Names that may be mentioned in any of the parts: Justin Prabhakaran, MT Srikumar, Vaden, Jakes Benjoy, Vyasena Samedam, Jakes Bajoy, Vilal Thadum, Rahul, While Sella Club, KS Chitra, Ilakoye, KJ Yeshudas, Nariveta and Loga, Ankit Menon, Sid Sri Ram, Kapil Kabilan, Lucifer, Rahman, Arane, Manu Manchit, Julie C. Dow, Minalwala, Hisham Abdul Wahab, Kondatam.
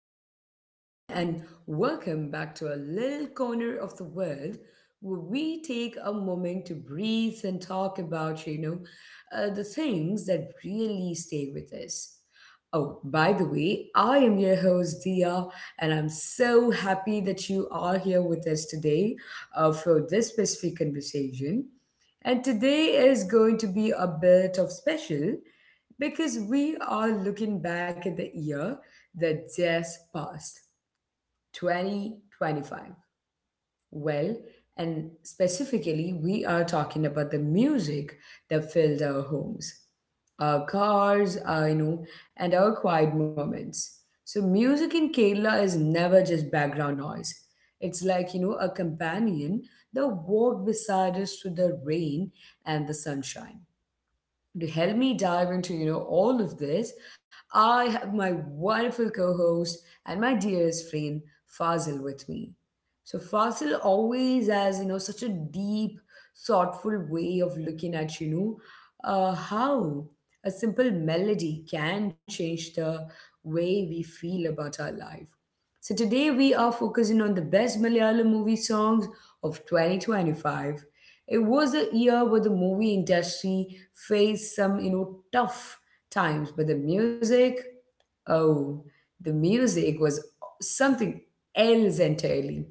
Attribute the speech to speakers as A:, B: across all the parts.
A: hello everyone, and welcome back to a little corner of the world where we take a moment to breathe and talk about, the things that really stay with us. Oh, by the way, I am your host, Dia, and I'm so happy that you are here with us today for this specific conversation. And today is going to be a bit of special because we are looking back at the year that just passed, 2025. Well, and specifically, we are talking about the music that filled our homes, our cars, and our quiet moments. So, music in Kerala is never just background noise. It's like, a companion that walked beside us through the rain and the sunshine to help me dive into all of this. I have my wonderful co-host and my dearest friend Fazil with me. So Fazil always has such a deep, thoughtful way of looking at how a simple melody can change the way we feel about our life. So today we are focusing on the best Malayalam movie songs of 2025. It was a year where the movie industry faced some, tough times, but the music, oh, the music was something else entirely.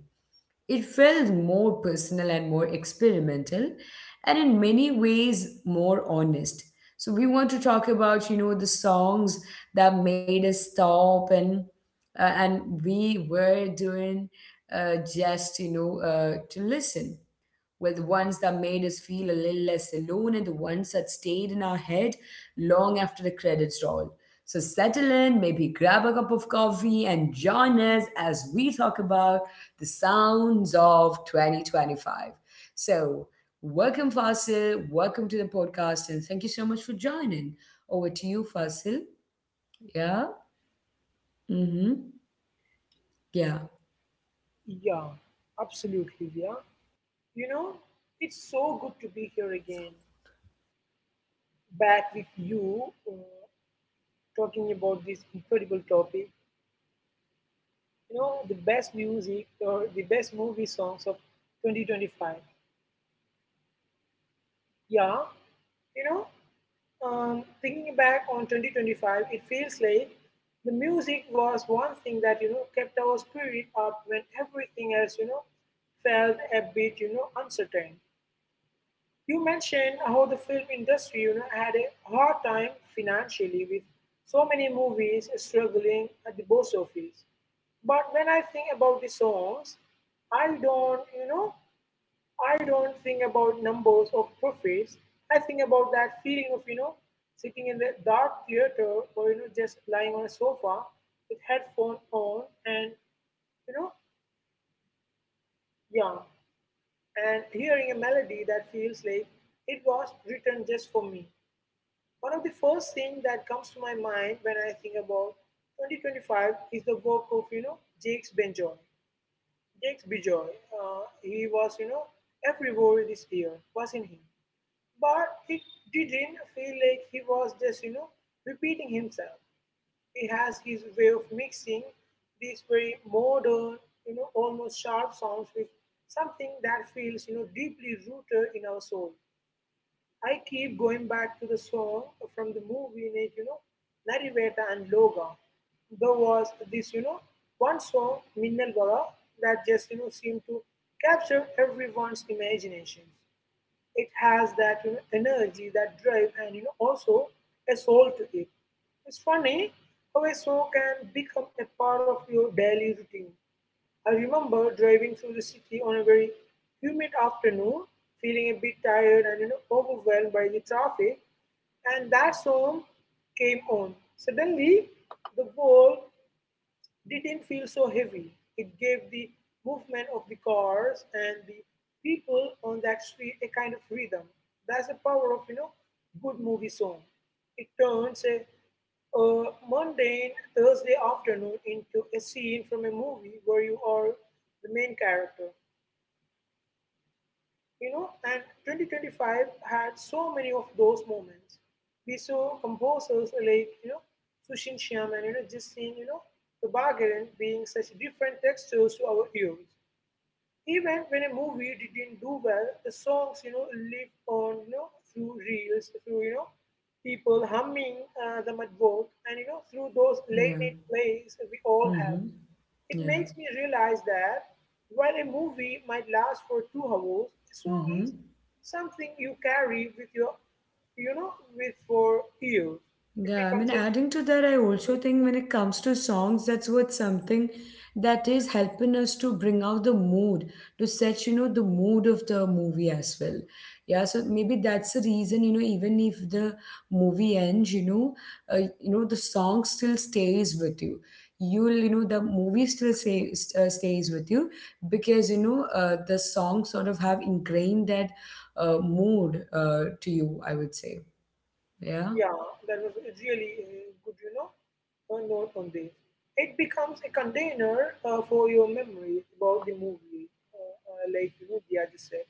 A: It felt more personal and more experimental, and in many ways more honest. So we want to talk about, the songs that made us stop and we were doing just, you know, to listen were the ones that made us feel a little less alone, and the ones that stayed in our head long after the credits roll. So settle in, maybe grab a cup of coffee and join us as we talk about the sounds of 2025. So, Welcome, Fasil. Welcome to the podcast, and thank you so much for joining. Over to you, Fasil. Yeah. Mm-hmm. Yeah.
B: Yeah, absolutely, yeah. You know, it's so good to be here again, back with you, talking about this incredible topic. You know, the best music or the best movie songs of 2025. Yeah, you know, Thinking back on 2025, it feels like the music was one thing that, you know, kept our spirit up when everything else, you know, felt a bit, you know, uncertain. You mentioned how the film industry, you know, had a hard time financially with so many movies struggling at the box office. But when I think about the songs, I don't, you know, I don't think about numbers or profits. I think about that feeling of, you know, sitting in the dark theater or, you know, just lying on a sofa with headphone on and, you know, yeah, and hearing a melody that feels like it was written just for me. One of the first things that comes to my mind when I think about 2025 is the work of, you know, Jakes Benjoy. Jakes Benjoy, he was, you know, everywhere this year, wasn't he? But it didn't feel like he was just, you know, repeating himself. He has his way of mixing these very modern, you know, almost sharp sounds with something that feels, you know, deeply rooted in our soul. I keep going back to the song from the movie, like, you know, Nariveta and Loga. There was this, you know, one song, Minnal Vada, that just, you know, seemed to capture everyone's imagination. It has that, you know, energy, that drive, and, you know, also a soul to it. It's funny how a song can become a part of your daily routine. I remember driving through the city on a very humid afternoon, feeling a bit tired and, you know, overwhelmed by the traffic, and that song came on. Suddenly, the world didn't feel so heavy. It gave the movement of the cars and the people on that street a kind of rhythm. That's the power of, you know, good movie song. It turns a mundane Thursday afternoon into a scene from a movie where you are the main character. You know, and 2025 had so many of those moments. We saw composers like, you know, Sushin Shyam and, you know, Jasin, you know, the Bargain being such different textures to our ears. Even when a movie didn't do well, the songs, you know, live on, you know, through reels, through, you know, people humming the mud walk, and, you know, through those late
A: Yeah.
B: night plays we all have.
A: Mm-hmm.
B: It
A: Yeah.
B: makes me realize that while a movie might last for 2 hours, a song
A: Mm-hmm.
B: is something you carry with your, you know, with for years. It
A: Yeah, I mean,
B: becomes a,
A: adding to that, I also think when it comes to songs, that's what something that is helping us to bring out the mood, to set, the mood of the movie as well. Yeah, so maybe that's the reason, even if the movie ends, the song still stays with you. The movie still stays with you because, the songs sort of have ingrained that mood to you, I would say. Yeah.
B: yeah, that was a really good, you know, a note on this. It becomes a container for your memory about the movie, like, you know, Dia just said.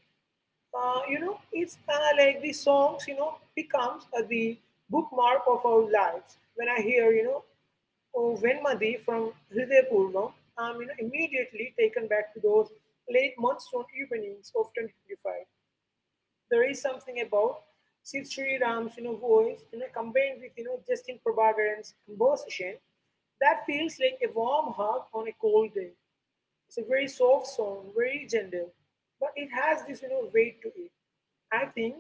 B: You know, it's like the songs, you know, becomes the bookmark of our lives. When I hear, you know, Oh, When Madhi from Hriday-Purva, I am immediately taken back to those late monsoon evenings of 2025. There is something about Sid Sri Ram's, you know, voice, you know, combined with, you know, Justin Prabhakaran's composition that feels like a warm hug on a cold day. It's a very soft song, very gentle, but it has this, you know, weight to it. I think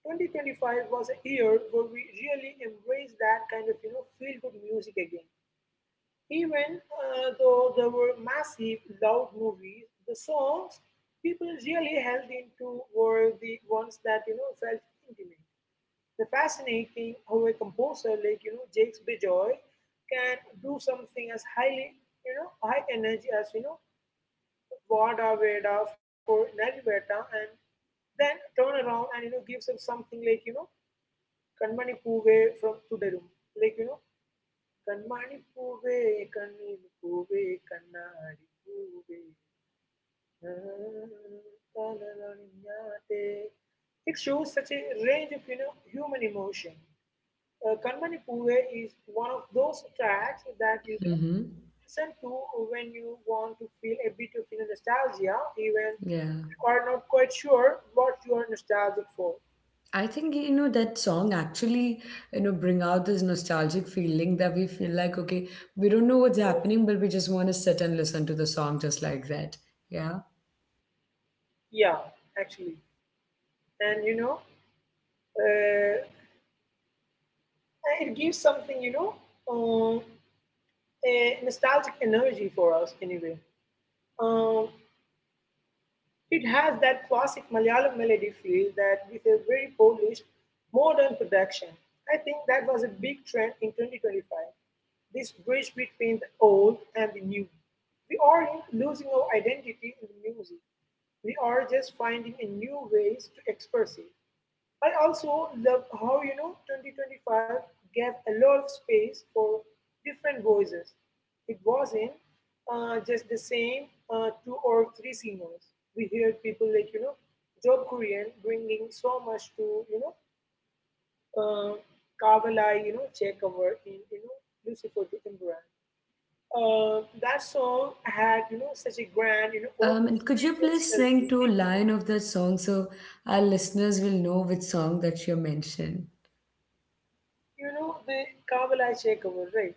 B: 2025 was a year where we really embraced that kind of, you know, feel good music again. Even though there were massive, loud movies, the songs people really held into were the ones that, you know, felt intimate. The fascinating how a composer like, you know, Jakes Bejoy can do something as highly, you know, high energy as, you know, Vada Veda for Nariveta, and then turn around and, you know, gives us something like, you know, Kanmani Puve from Tudarum, like, you know, கண்மணி பூவே கண்ணீர் பூவே கண்ணாடி பூவே காதலொழியாதே. It shows such a range of, you know, human emotion. Kanmani Puve is one of those tracks that you should
A: Mm-hmm.
B: listen to when you want to feel a bit of, you know, nostalgia, even
A: Yeah.
B: if you are not quite sure what you are nostalgic for.
A: I think, that song actually, bring out this nostalgic feeling that we feel like, okay, we don't know what's happening, but we just want to sit and listen to the song just like that. Yeah.
B: Yeah, actually, and you know, uh, it gives something, you know, uh, a nostalgic energy for us anyway. Um, it has that classic Malayalam melody feel that with a very polished, modern production. I think that was a big trend in 2025. This bridge between the old and the new. We aren't losing our identity in the music. We are just finding a new ways to express it. I also love how, you know, 2025 gave a lot of space for different voices. It wasn't just the same two or three singers. We heard people like, you know, Job Korean bringing so much to, you know, uh, Kavalai, you know, take over in, you know, Lucifer to Imran. That song had, you know, such a grand, you know,
A: And
B: almost
A: could you
B: spiritual.
A: please sing two line of that song so our listeners will know which song that you mentioned?
B: You know the Kavalai Chekavar, right?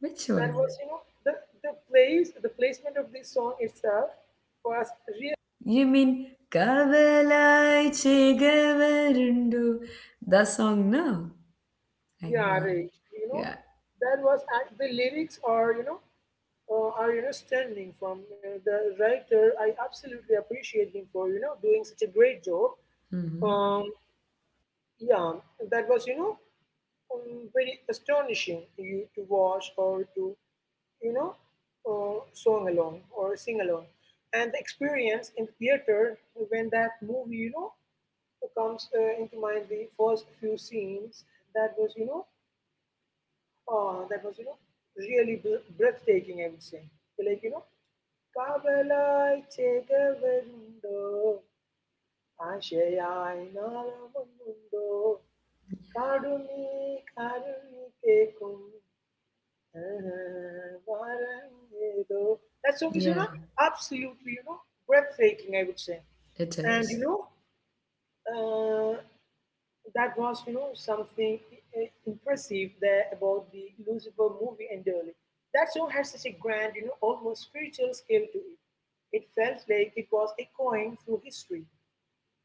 A: Which
B: That
A: one?
B: was, you know, the place, the placement of this song itself was really,
A: You mean Kavalai Chegavarundu? That song, no? I,
B: yeah,
A: yeah.
B: right, you know,
A: Yeah.
B: that was the lyrics are, you know, are, you know, standing from the writer. I absolutely appreciate him for, you know, doing such a great job.
A: Hmm.
B: um yeah that was, you know, very astonishing you to watch or to, you know, song along or sing along, and the experience in the theater when that movie, you know, comes into mind the first few scenes. that was you know that was, you know, really breathtaking, I would say. Like, you know, "കാവലായി ചേകവരുണ്ടോ? ആശയായി നാളമൊന്നുണ്ടോ? കാടുനീ കാരുണി കേൾക്കും വാരമേതോ." That song is, you
A: Yeah,
B: know, absolutely, you know, breathtaking, I would say.
A: it
B: And, you
A: is.
B: know, uh, that was, you know, impressive there about the Lucifer movie entirely. That song had such a grand, you know, almost spiritual scale to it. It felt like it was echoing through history.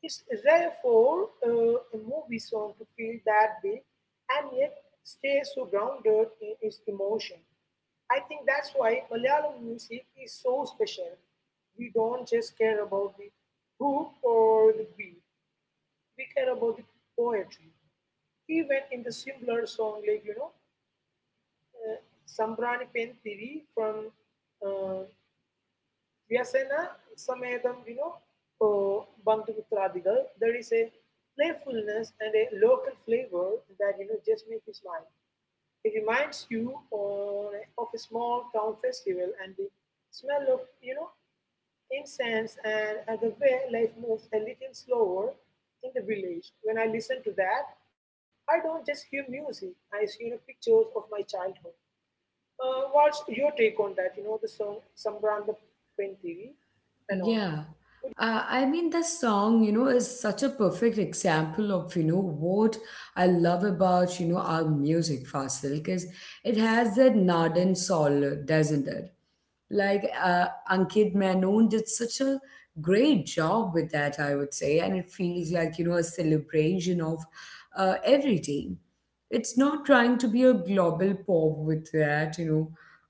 B: It's rare for a movie song to feel that big and yet stay so grounded in its emotion. I think that's why Malayalam music is so special. We don't just care about the hook or the beat. We care about the poetry even in the simpler song like, you know, uh, Sambrani Pen Thivi from uh, Vyasena Samedam, you know, Bandhumitradigal, there is a playfulness and a local flavor that, you know, just make you smile. It reminds you on, of a small town festival and the smell of, you know, incense, and the way life moves a little slower in the village. When I listen to that, I don't just hear music. I see, you know, pictures of my childhood. What's your take on that? You know, the song Sambran the Pentiri and all.
A: Yeah.
B: Would you?
A: I mean, the song, is such a perfect example of, what I love about, our music, Fasil, because it has that Nadan soul, doesn't it? Like Ankit Menon did such a great job with that, I would say, and it feels like, a celebration of every team. It's not trying to be a global pop with that, you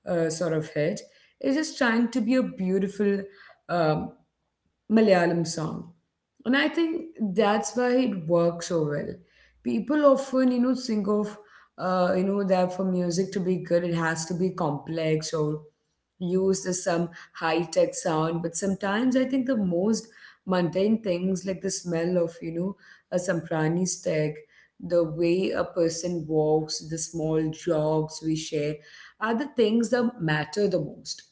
A: know, uh, sort of hit. It's just trying to be a beautiful um, Malayalam song. And I think that's why it works so well. People often, think of, that for music to be good, it has to be complex or used as some high tech sound. But sometimes I think the most mundane things, like the smell of, a samprani stick, the way a person walks, the small jogs we share, are the things that matter the most.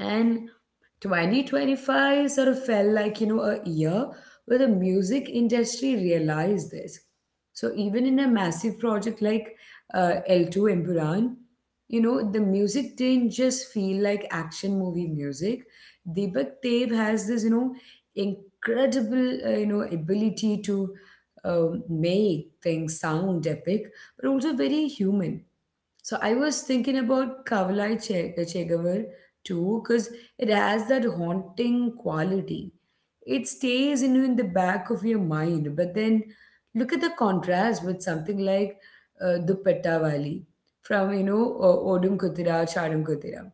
A: And 2025 sort of felt like, a year where the music industry realized this. So even in a massive project like L2 Emburan, the music didn't just feel like action movie music. Deepak Dev has this, incredible, ability to make things sound epic, but also very human. So I was thinking about Chegavar too, because it has that haunting quality. It stays in you in the back of your mind, but then look at the contrast with something like Dupatta Valley from Odum Kutira, Chadam Kutira.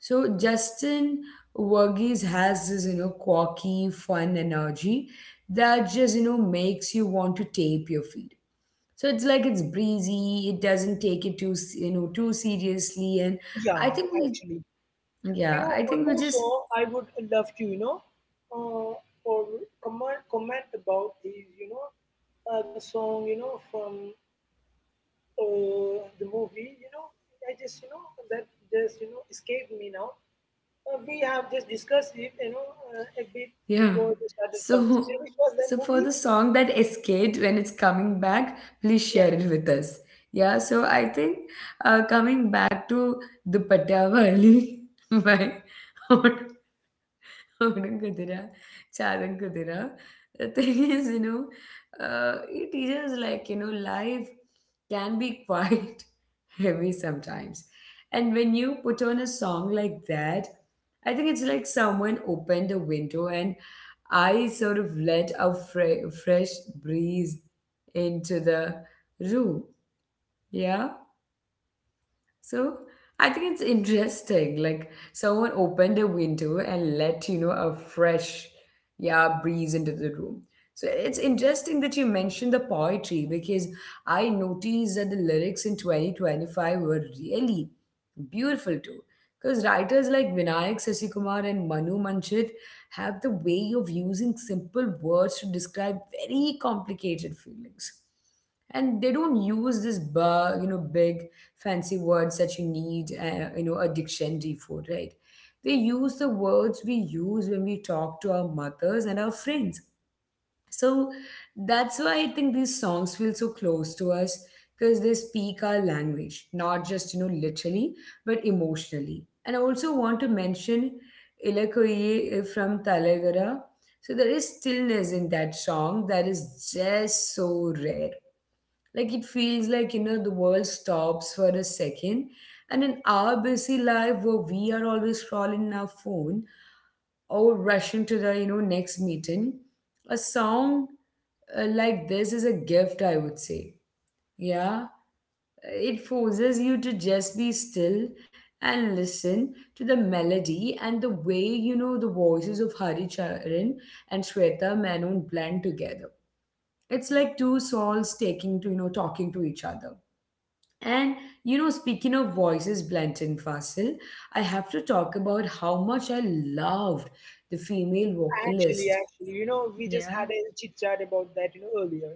A: So Justin Verghese has this quirky, fun energy that just makes you want to tape your feet. So it's like it's breezy, it doesn't take it too s- you know too seriously. And
B: Yeah,
A: I think we
B: actually. You
A: yeah
B: know,
A: I think
B: one
A: we
B: more
A: just...
B: song I would love to, you know, uh, or comment about is, you know, the song, you know, from the movie, you know, I just, you know, that just, you know, escaped me now. We have just discussed it, you know, a bit
A: Yeah.
B: before we started the
A: So
B: conversation. Which was that
A: so for the
B: movie?
A: song that escaped, when it's coming back please
B: Yeah,
A: share it with us. Yeah, so I think coming back to the Patavali by Out Kudira, Charan Kudira. The thing is, it teaches like, life can be quite heavy sometimes. And when you put on a song like that, I think it's like someone opened a window and I sort of let fresh breeze into the room. Yeah. So I think it's interesting. Like someone opened a window and let a fresh, yeah, breeze into the room. So it's interesting that you mentioned the poetry because I noticed that the lyrics in 2025 were really beautiful too. Because writers like Vinayak Sasikumar and Manu Manchit have the way of using simple words to describe very complicated feelings. And they don't use this, bu- you know, big fancy words that you need, a dictionary for, right? They use the words we use when we talk to our mothers and our friends. So that's why I think these songs feel so close to us because they speak our language, not just, literally, but emotionally. And I also want to mention Ilakoye from Talagara. So there is stillness in that song that is just so rare. Like it feels like, the world stops for a second. And in our busy life where we are always scrolling our phone, or rushing to the next meeting, a song like this is a gift, I would say. Yeah, it forces you to just be still and listen to the melody, and the way the voices of Hari Charan and Shweta Menon blend together, it's like two souls taking to you know talking to each other. And speaking of voices blent, and Fasil, I have to talk about how much I loved the female
B: actually,
A: vocalist.
B: actually, you know, we just had
A: Yeah,
B: a chit chat about that, you know, earlier.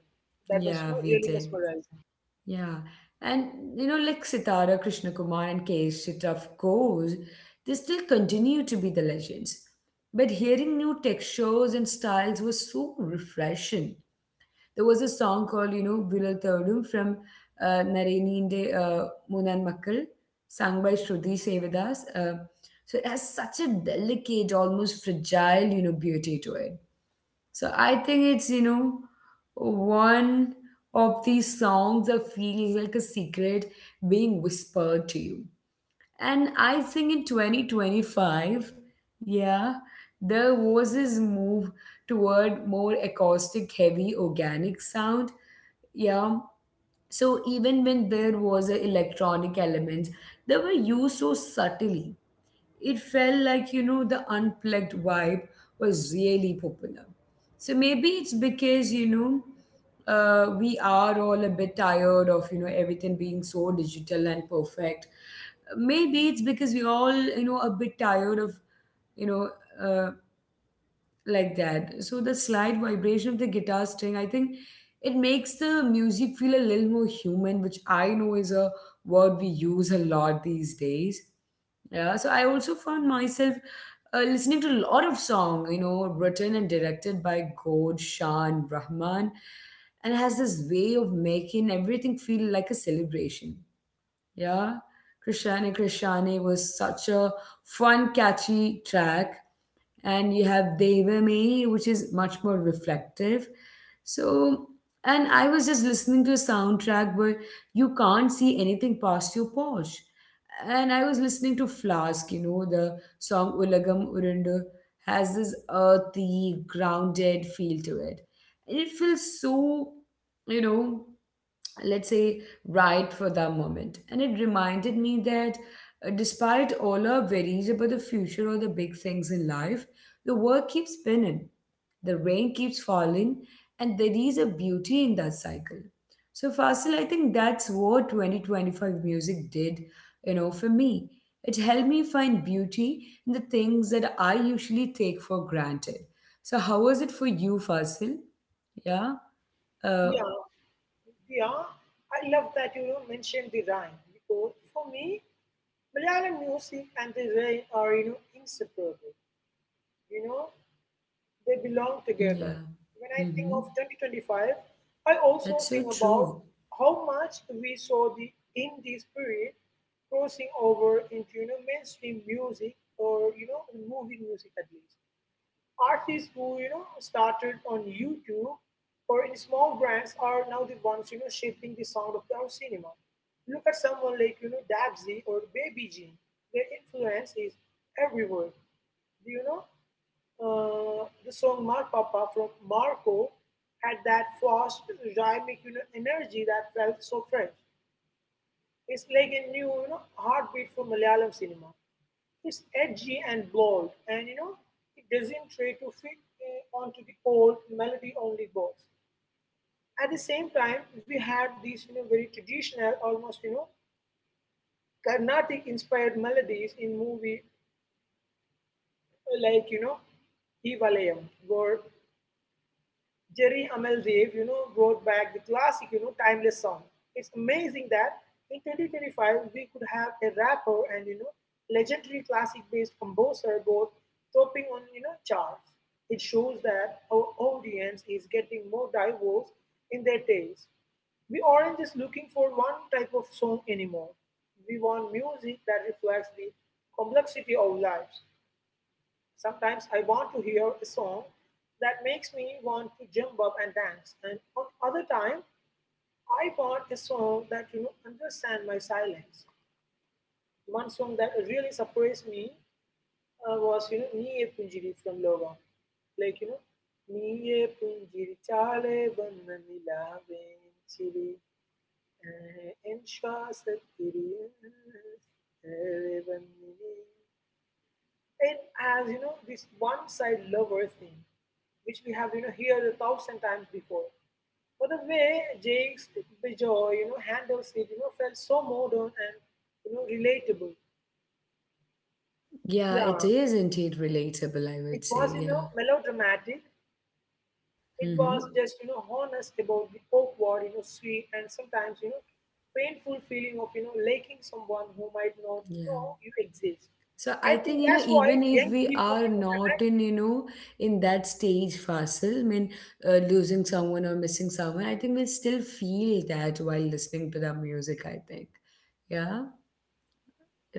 B: That was, you
A: yeah,
B: know,
A: we
B: really
A: did.
B: mesmerizing.
A: Yeah. And like Sitara, Krishna Kumar, and Keshet, of course, they still continue to be the legends. But hearing new textures and styles was so refreshing. There was a song called, Vilal Thadum from Nareninde Munan Makkal, sung by Shruti Sevadas. So it has such a delicate, almost fragile, beauty to it. So I think it's, one of these songs that feels like a secret being whispered to you. And I think in 2025, yeah, there was this move toward more acoustic, heavy, organic sound. Yeah. So even when there was an electronic element, they were used so subtly it felt like the unplugged vibe was really popular. So maybe it's because we are all a bit tired of everything being so digital and perfect. Maybe it's because we all you know a bit tired of you know uh, like that So the slight vibration of the guitar string, I think it makes the music feel a little more human, which I know is a word we use a lot these days. Yeah, so I also found myself listening to a lot of songs written and directed by Gord Shah and Rahman, and has this way of making everything feel like a celebration. Yeah, Krishane Krishane was such a fun, catchy track, and you have Devame, which is much more reflective. So, and I was just listening to a soundtrack where you can't see anything past your Porsche. And I was listening to Flask, the song Ulagam Urundu has this earthy, grounded feel to it. And it feels so, you know, let's say, right for the moment. And it reminded me that despite all our worries about the future or the big things in life, the world keeps spinning, the rain keeps falling, and there is a beauty in that cycle. So, Fasil, I think that's what 2025 music did, for me. It helped me find beauty in the things that I usually take for granted. So, how was it for you, Fasil? Yeah. Uh,
B: Yeah, yeah. I love that you know mentioned the rhyme because for me, Malayalam music and the rhyme are you know inseparable. You know, they belong together.
A: yeah.
B: When I think
A: Mm-hmm.
B: of 2025, I also
A: That's so
B: think about
A: true.
B: how much we saw the indie spirit crossing over into you know mainstream music or you know movie music at least. Artists who you know started on YouTube or in small brands are now the ones you know shaping the sound of our cinema. Look at someone like you know Dabsy or Baby Jean. Their influence is everywhere. Do you know? The song "Mar Papa" from Marco had that fast rhythmic, you know, energy that felt so fresh. It's like a new, you know, heartbeat for Malayalam cinema. It's edgy and bold, and, you know, it doesn't try to fit onto the old melody only box. At the same time, we had these, you know, very traditional, almost, you know, Carnatic inspired melodies in movie like, you know, Ivalayam, where Jerry Amel Dave, you know, brought back the classic, you know, timeless song. It's amazing that in 2025 we could have a rapper and, you know, legendary classic-based composer both topping on, you know, charts. It shows that our audience is getting more diverse in their taste. We aren't just looking for one type of song anymore. We want music that reflects the complexity of lives. Sometimes I want to hear a song that makes me want to jump up and dance, and other time I want a song that understand my silence. One song that really surprised me was Niye Punjiri from Loga. Like you know Niye Punjiri Chale Vanna Nilave Chiri Enshwasatiri Vanna. And as you know, this one side lover thing, which we have heard a thousand times before. But the way Jake's Bijoy, handles it felt so modern and relatable.
A: Yeah, it
B: Yeah,
A: is indeed relatable, I
B: it
A: would say.
B: was
A: Yeah.
B: melodramatic. It was
A: Mm-hmm.
B: just honest about the awkward, sweet and sometimes painful feeling of liking someone who might not
A: Yeah.
B: know you exist.
A: So I
B: I
A: think,
B: think that's why
A: even if
B: young
A: we
B: people
A: are not
B: connect.
A: in,
B: With-
A: in that stage fossil, I mean, losing someone or missing someone, I think we'll still feel that while listening to the music, I think. Yeah.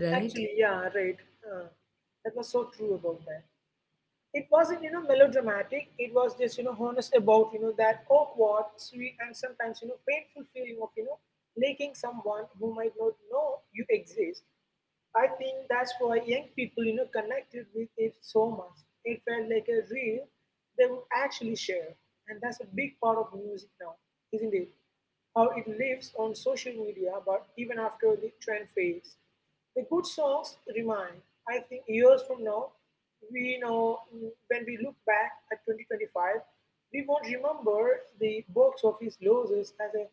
A: Right?
B: Actually, yeah, right. That was so true about that. It wasn't melodramatic it was just honest about that awkward, sweet, and sometimes painful feeling of liking someone who might not know you exist. I think that's why young people, connected with it so much. It felt like a real they would actually share, and that's a big part of music now, isn't it? How it lives on social media, but even after the trend fades, the good songs remain. I think years from now, we know when we look back at 2025, we won't remember the box office losses as a,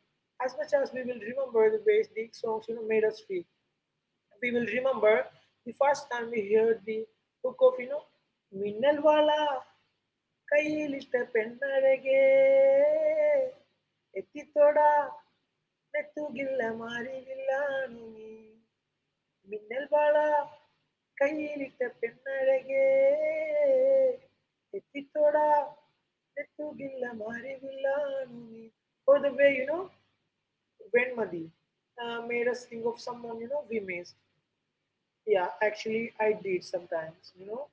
B: as much as we will remember the ways these songs made us feel. We will remember the first time we heard the hook of, ಮಿನ್ನಲ್ ವಾಲ ಕೈಲಿಷ್ಟ ಪೆನ್ನಡೆಗೆ ಎತ್ತಿತ್ತೋಡ ನೆತ್ತುಗಿಲ್ಲ ಮಾರಿಗಿಲ್ಲ ನೀ ಮಿನ್ನಲ್ ವಾಲ ಕೈಲಿಟ್ಟ ಪೆನ್ನಡೆಗೆ ಎತ್ತಿತ್ತೋಡ ನೆತ್ತುಗಿಲ್ಲ. Or the way, Venmadi made us think of someone, we missed. Yeah, actually, I did sometimes.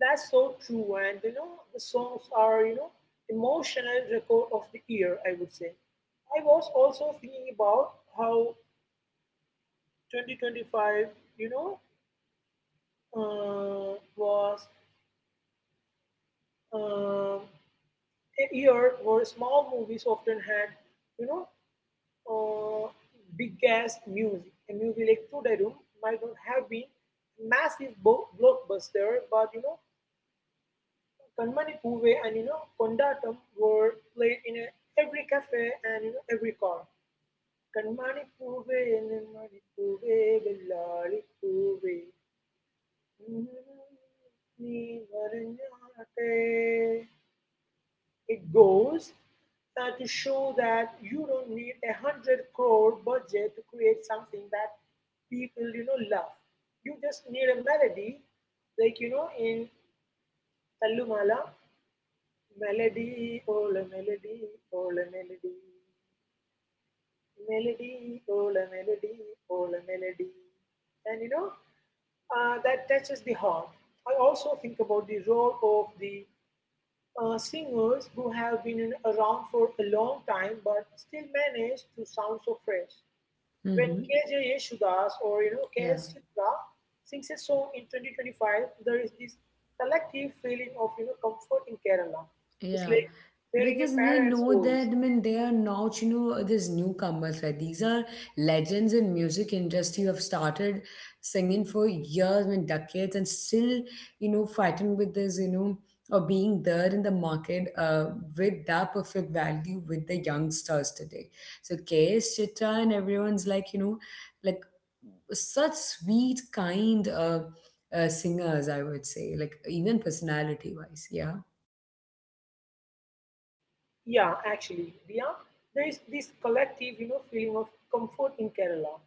B: That's so true. And the songs are emotional record of the year, I would say. I was also thinking about how 2025, you know, was um a year where small movies often had, you know, uh, big ass music. A movie like Tudarum might not have been massive blockbuster, but Kanmani Poove and Kondatam were played in a, every cafe and every car. Kanmani Poove, Ennemani Poove, Vellari Poove, Nee Varanjaate. It goes to show that you don't need a hundred crore budget to create something that people love. You just need a melody, in Tallumala. Melody, all a melody, all a melody. Melody, all a melody, all a melody. And that touches the heart. I also think about the role of the singers who have been around for a long time but still manage to sound so fresh. When
A: Mm-hmm.
B: KJ Yeshudas or
A: Yeah.
B: KS Chitra sings a song in 2025, there is this collective feeling of comfort in Kerala. It's
A: Yeah,
B: like hearing a
A: because we
B: parent's
A: know
B: voice.
A: that, I mean, they are not, these newcomers, right? These are legends in music industry who have started singing for years, I mean, decades, and still, fighting with this, or being there in the market with that perfect value with the youngsters today. So KS Chitra and everyone's like, like such sweet, kind singers, I would say, like even personality-wise. Yeah.
B: Yeah, actually, Dia, there is this collective feeling of comfort in Kerala.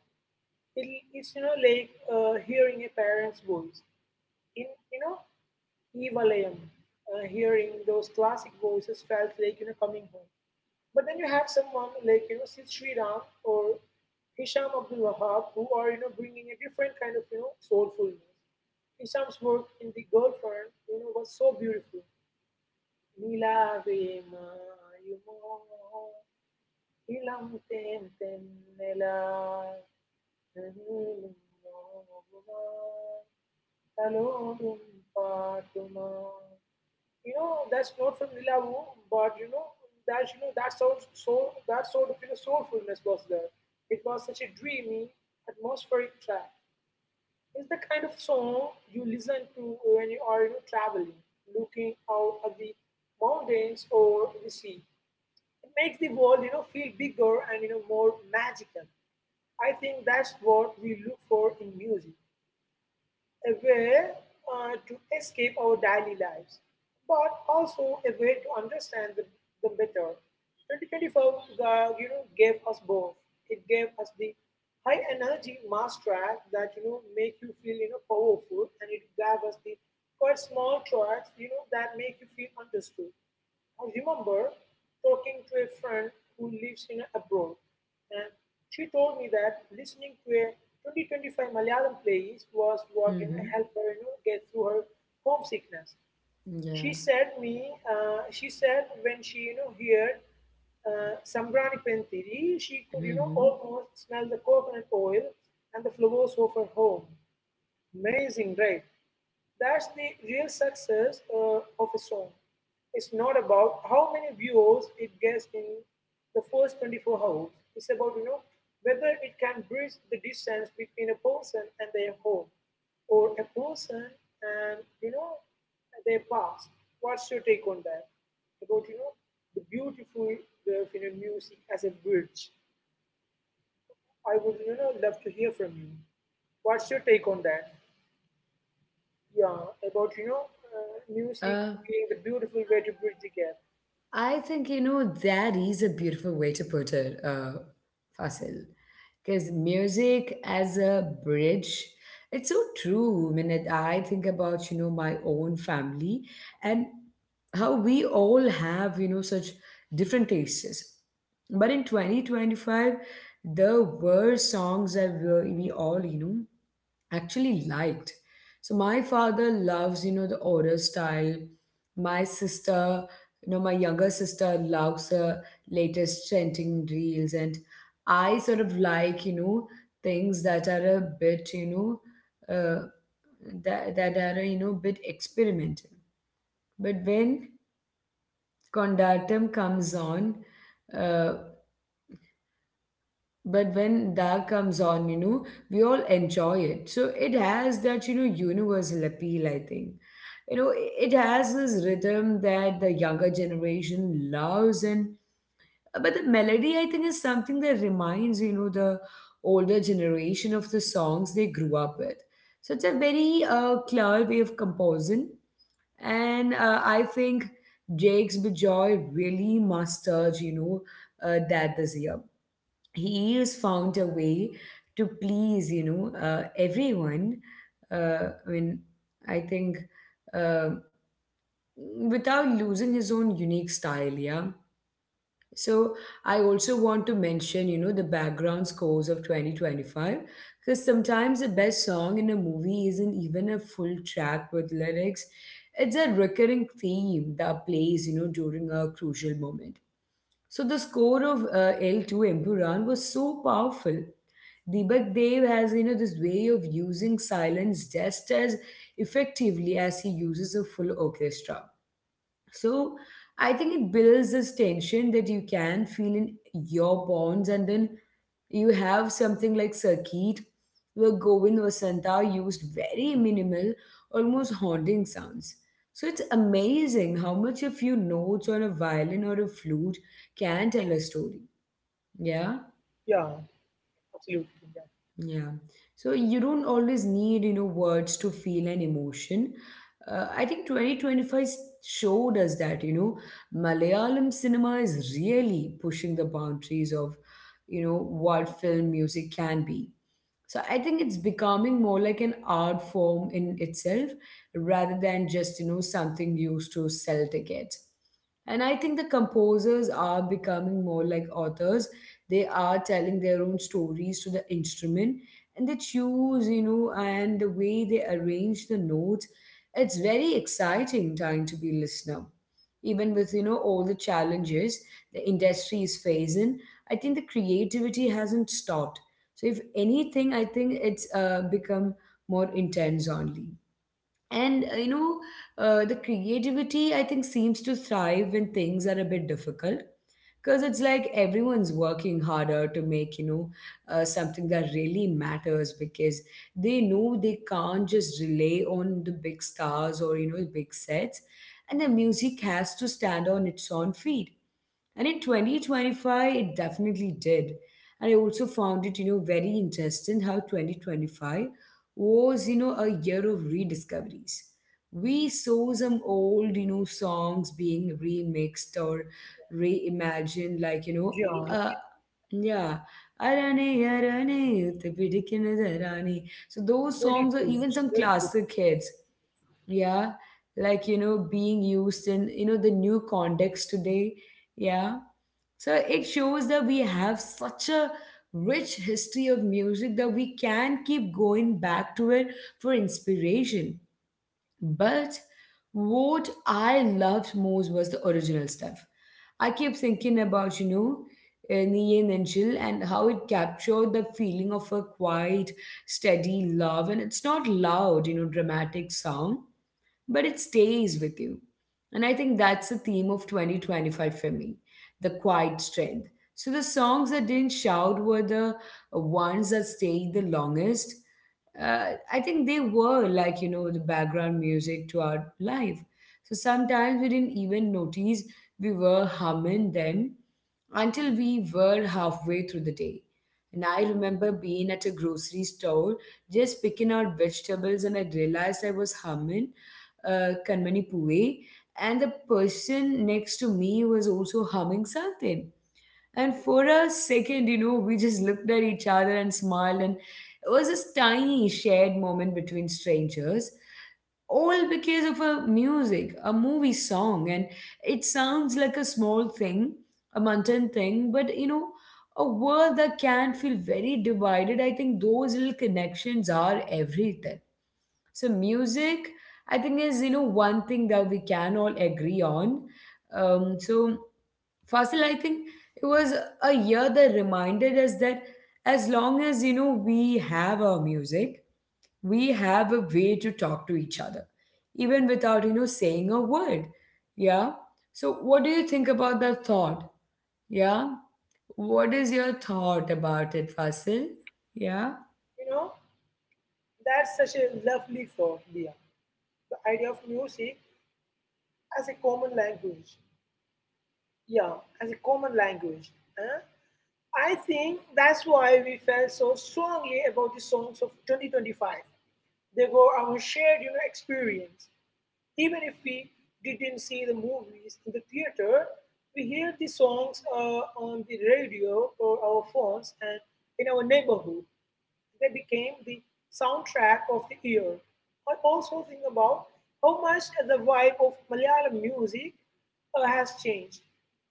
B: It's like hearing a parent's voice in Evalayam. Hearing those classic voices felt like coming home. But then you have someone like Sid Sriram or Hisham Abdul Wahab who are bringing a different kind of soulfulness. Hisham's work in The Girlfriend was so beautiful. Nilave mayumo ilam ten ten nela nilum noguma talodum patuma. That's not from Nilavu, but that's that sounds so that sort of soulfulness was there. It was such a dreamy, atmospheric track. It's the kind of song you listen to when you are traveling, looking out at the mountains or the sea. It makes the world feel bigger and more magical. I think that's what we look for in music, a way to escape our daily lives, but also a way to understand them better. 2024, gave us both. It gave us the high energy mass track that make you feel powerful, and it gave us the quite small tracks that make you feel understood. I remember talking to a friend who lives in abroad and she told me that listening to a 2025 Malayalam playlist was what
A: Hmm.
B: helped her get through her homesickness. She
A: Yeah.
B: said me, she said when she heard Sambrani Pentiri, she could
A: Hmm.
B: almost smell the coconut oil and the flowers of her home. Amazing, right? That's the real success of a song. It's not about how many viewers it gets in the first 24 hours. It's about, whether it can bridge the distance between a person and their home or a person and, their past. What's your take on that? About, the beautiful, the music as a bridge. I would, love to hear from you. What's your take on that? Yeah, about music
A: Uh,
B: being the beautiful way to bridge the gap.
A: I think, that is a beautiful way to put it, Fasil. Because music as a bridge, it's so true. I mean, I think about, my own family and how we all have, such different tastes. But in 2025, there were songs that were, we all, actually liked. So my father loves, the order style. My sister, my younger sister loves the latest trending reels, and I sort of like, things that are a bit, that are you know, bit experimental. But when Condatum comes on. Uh, but when that comes on you know we all enjoy it, so it has that you know universal appeal, I think it has this rhythm that the younger generation loves, and but the melody I think is something that reminds you know the older generation of the songs they grew up with. So it's a very clear way of composing, and I think Jakes Bajoy really mastered you know that. This year he has found a way to please you know everyone, I mean, I think uh, without losing his own unique style. Yeah. So I also want to mention you know the background scores of 2025, because sometimes the best song in a movie isn't even a full track with lyrics. It's a recurring theme that plays you know during a crucial moment. So the score of L2 Empuran was so powerful. Deepak Dev has, this way of using silence just as effectively as he uses a full orchestra. So I think it builds this tension that you can feel in your bones, and then you have something like Sakit, where Govind Vasanta used very minimal, almost haunting sounds. So it's amazing how much a few notes on a violin or a flute can tell a story.
B: Yeah,
A: Yeah.
B: absolutely.
A: Yeah. So you don't always need, words to feel an emotion. I think 2025 showed us that, Malayalam cinema is really pushing the boundaries of, what film music can be. So I think it's becoming more like an art form in itself rather than just, something used to sell tickets. And I think the composers are becoming more like authors. They are telling their own stories to the instrument, and they choose, and the way they arrange the notes. It's very exciting time to be listener. Even with, all the challenges the industry is facing, I think the creativity hasn't stopped. So if anything, I think it's become more intense only. And the creativity I think seems to thrive when things are a bit difficult, because it's like everyone's working harder to make you know something that really matters, because they know they can't just rely on the big stars or you know big sets, and the music has to stand on its own feet, and in 2025, it definitely did. And I also found it, very interesting how 2025 was, a year of rediscoveries. We saw some old, songs being remixed or
B: Yeah,
A: reimagined,
B: yeah,
A: like, uh, yeah. Arane, arane, utte pidikkinatharane. So those
B: very
A: songs are
B: true.
A: even some
B: Well put.
A: classic hits, yeah, like you know being used in you know the new context today. Yeah. So it shows that we have such a rich history of music that we can keep going back to it for inspiration. But what I loved most was the original stuff. I keep thinking about you know Nien and Jill, and how it captured the feeling of a quiet, steady love, and it's not loud you know dramatic sound, but it stays with you. And I think that's the theme of 2025 for me, the quiet strength. So the songs that didn't shout were the ones that stayed the longest. I think they were like, the background music to our life. So sometimes we didn't even notice we were humming them until we were halfway through the day. And I remember being at a grocery store just picking out vegetables, and I realized I was humming Kanmani Puve, and the person next to me was also humming something. And for a second, we just looked at each other and smiled, and it was this tiny shared moment between strangers, all because of a music, a movie song. And it sounds like a small thing, a mundane thing, but you know, a world that can feel very divided. I think those little connections are everything. So music, I think, is you know one thing that we can all agree on. So Fasil, I think it was a year that reminded us that as long as you know we have our music, we have a way to talk to each other, even without you know saying a word. Yeah. So, what do you think about the thought? Yeah. What is your thought about it, Fasil? Yeah.
B: You know, that's such a lovely thought, Leah. The idea of music as a common language. Yeah, as a common language. Huh? I think that's why we felt so strongly about the songs of 2025. They were our shared, experience. Even if we didn't see the movies in the theater, we hear the songs on the radio or our phones and in our neighborhood. They became the soundtrack of the year. I also think about how much the vibe of Malayalam music has changed.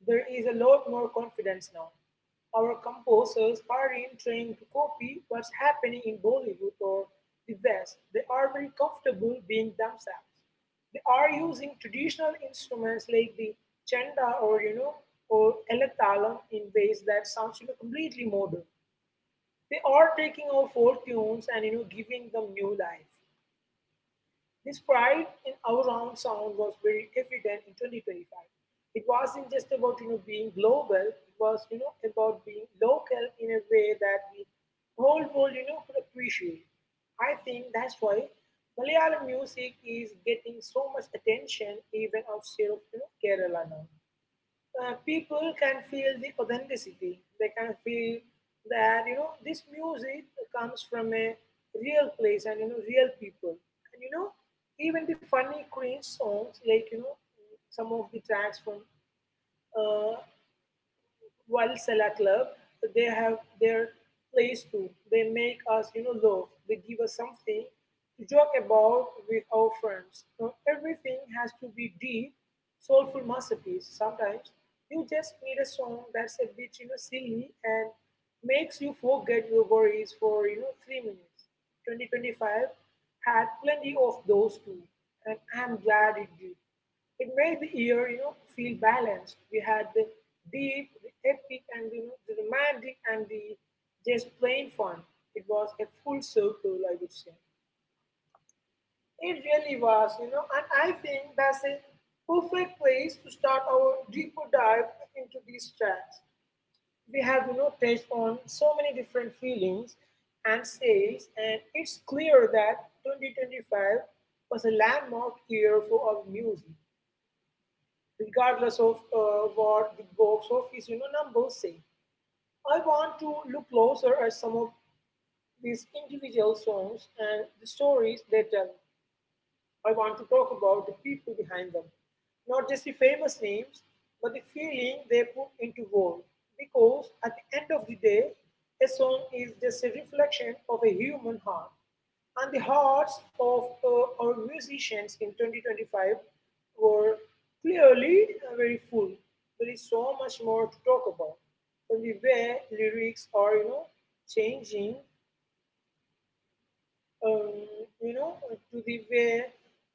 B: There is a lot more confidence now. Our composers aren't trying to copy what's happening in Bollywood or the West. They are very comfortable being themselves. They are using traditional instruments like the chanda or or eletalam in ways that sounds completely modern. They are taking our folk tunes and giving them new life. This pride in our own sound was very evident in 2025. It wasn't just about being global; it was about being local in a way that the whole world could appreciate. I think that's why Malayalam music is getting so much attention even outside of Kerala now. People can feel the authenticity. They can feel that this music comes from a real place and real people. And even the funny Queen songs, like some of the tracks from uh, while Sella Club, they have their place too. They make us, laugh. They give us something to joke about with our friends. Not everything has to be deep, soulful masterpiece. Sometimes you just need a song that's a bit, silly and makes you forget your worries for, 3 minutes. 2025 had plenty of those too, and I'm glad it did. It made the year, feel balanced. We had the deep, the epic, and the romantic, and the just plain fun. It was a full circle, I would say. It really was, and I think that's a perfect place to start our deeper dive into these tracks. We have touched on so many different feelings and sales, and it's clear that 2025 was a landmark year for our music, regardless of what the box office numbers say. I want to look closer at some of these individual songs and the stories they tell. I want to talk about the people behind them, not just the famous names, but the feeling they put into words. Because at the end of the day, a song is just a reflection of a human heart. And the hearts of our musicians in 2025 were clearly very full. There is so much more to talk about. From the way lyrics are, changing um, you know, to the way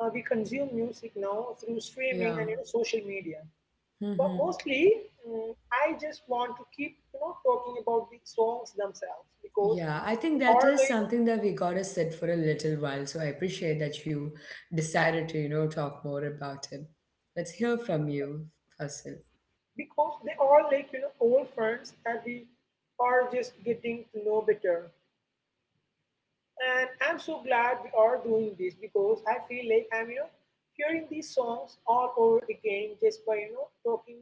B: we consume music now through streaming
A: Yeah.
B: and social media. But mostly, I just want to keep, talking about the songs themselves because
A: Yeah, I think
B: they
A: that
B: are
A: is
B: like
A: something that we gotta sit for a little while. So I appreciate that you decided to, talk more about it. Let's hear from you, Fasil.
B: because they are like old friends that we are just getting to know better. And I'm so glad we are doing this because I feel like I'm, hearing these songs all over again just by, talking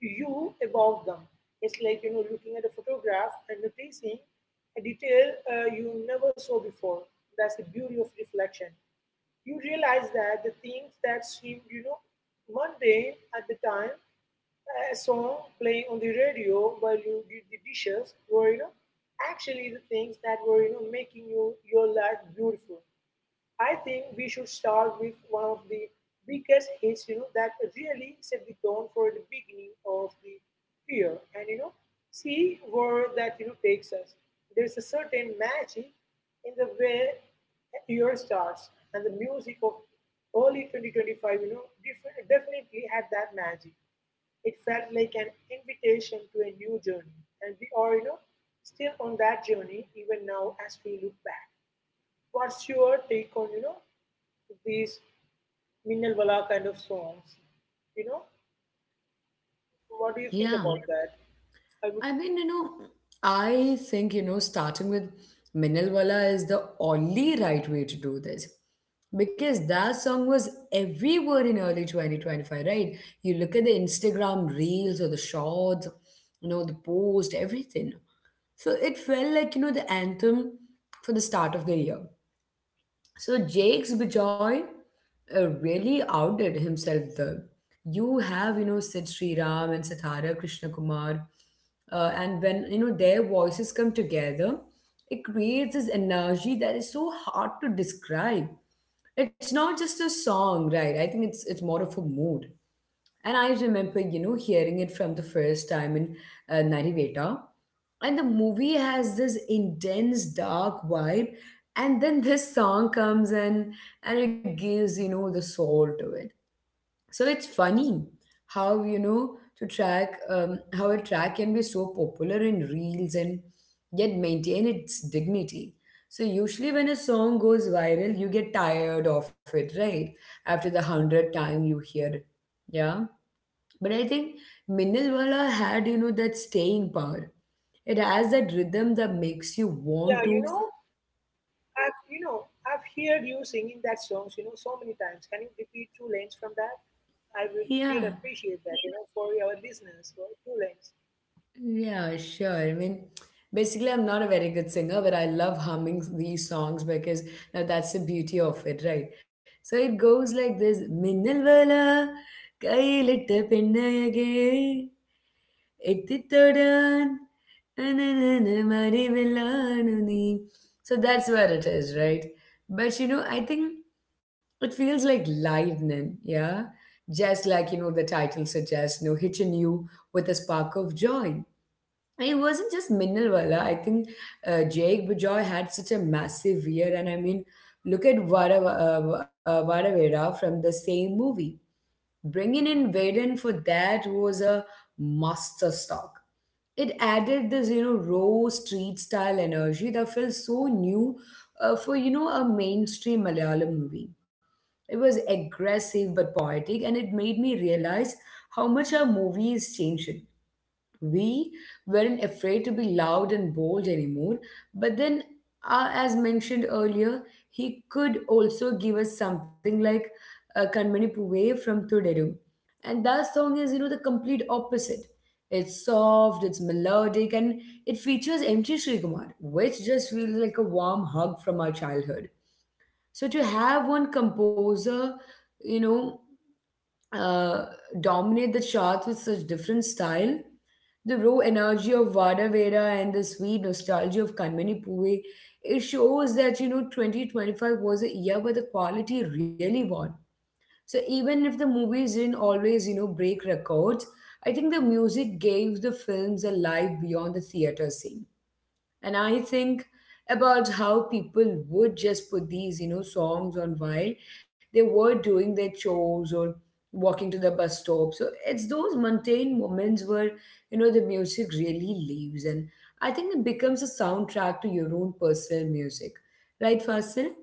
B: to you about them. It's like, looking at a photograph and noticing a detail you never saw before. That's the beauty of reflection. You realize that the things that seem, mundane at the time, a song playing on the radio while you did the dishes, were, actually the things that were, making you, your life beautiful. I think we should start with one of the biggest hits, you know, that really set the tone for the beginning of the year, and you know, see where that takes us. There's a certain magic in the way a year starts, and the music of early 2025, definitely had that magic. It felt like an invitation to a new journey, and we are, you know, still on that journey even now as we look back. What's your take on, you know, these Minnal Wala kind of songs. You know, what do you think
A: Yeah,
B: about that? I would,
A: I mean, I think, starting with Minalwala is the only right way to do this, because that song was everywhere in early 2025, right? You look at the Instagram reels or the shorts, the post, everything. So it felt like, the anthem for the start of the year. So Jake's Bijoy really outdid himself there. You have, Sid Sri Ram and Satara Krishna Kumar. And when, their voices come together, it creates this energy that is so hard to describe. It's not just a song, right? I think it's more of a mood. And I remember, hearing it from the first time in Nariveta. And the movie has this intense, dark vibe. And then this song comes in, and it gives, the soul to it. So it's funny how, how a track can be so popular in reels and yet maintain its dignity. So usually when a song goes viral, you get tired of it, right? After the hundredth time you hear it. Yeah. But I think Minnalwala had, that staying power. It has that rhythm that makes you
B: yeah, you
A: want
B: know,
A: to,
B: I've, you know, I've heard you singing that songs, you know, so many times. Can you repeat two lines from that? I would really appreciate
A: yeah,
B: that, you know, for our listeners. For two lines.
A: yeah, sure. I mean, basically, I'm not a very good singer, but I love humming these songs because now that's the beauty of it, right? So it goes like this: Minnalwala, kaiyilittu pinnayage, എത്തിത്തൊടാൻ അനനന മറിവിലാണു നീ, so that's where it is, right? But you know I think it feels like lightning. Yeah, just like you know the title suggests, you know, hitching you with a spark of joy. And it wasn't just Minnalwala. I think Jake Bajoy had such a massive year. And I mean, look at Vada, uh, Vadavera from the same movie. Bringing in Vaden for that was a master stock. It added this you know raw street style energy that felt so new for you know a mainstream malayalam movie. It was aggressive but poetic, and it made me realize how much our movie is changing. We weren't afraid to be loud and bold anymore. But then, as mentioned earlier, he could also give us something like Kanmani Puve from Thudaru. And that song is, the complete opposite. It's soft, it's melodic, and it features MT Srikumar, which just feels like a warm hug from our childhood. So to have one composer, you know, uh, dominate the charts with such different style. The raw energy of Vada Veda and the sweet nostalgia of Kanmani Puve, it shows that, 2025 was a year where the quality really won. So even if the movies didn't always, break records, I think the music gave the films a life beyond the theater scene. And I think about how people would just put these, songs on while they were doing their chores or walking to the bus stop. So it's those mundane moments where, the music really leaves. And I think it becomes a soundtrack to your own personal music. Right, Fasil?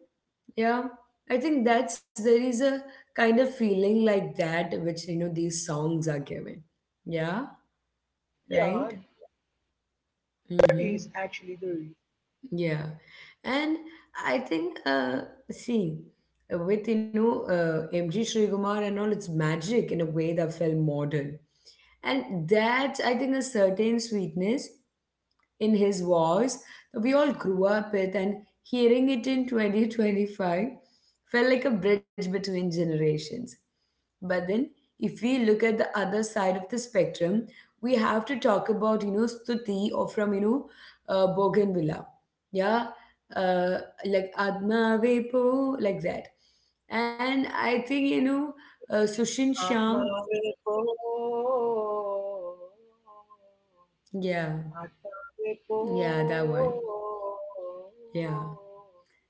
A: Yeah. I think that's There is a kind of feeling like that which, these songs are giving. Yeah,
B: Yeah,
A: right?
B: that is actually the
A: Mm-hmm.
B: reason.
A: Yeah, and I think, uh, see, with M.G. Srikumar and all, it's magic in a way that felt modern, and that I think a certain sweetness in his voice that we all grew up with, and hearing it in 2025 felt like a bridge between generations. But then, if we look at the other side of the spectrum, we have to talk about, Stuti or from, Bougainvillea. Yeah. Uh, like Adma Vepo, like that. And I think, Sushin
B: Atma
A: Sham.
B: Vepo,
A: Yeah.
B: Atma Vepo.
A: Yeah, that one. Yeah.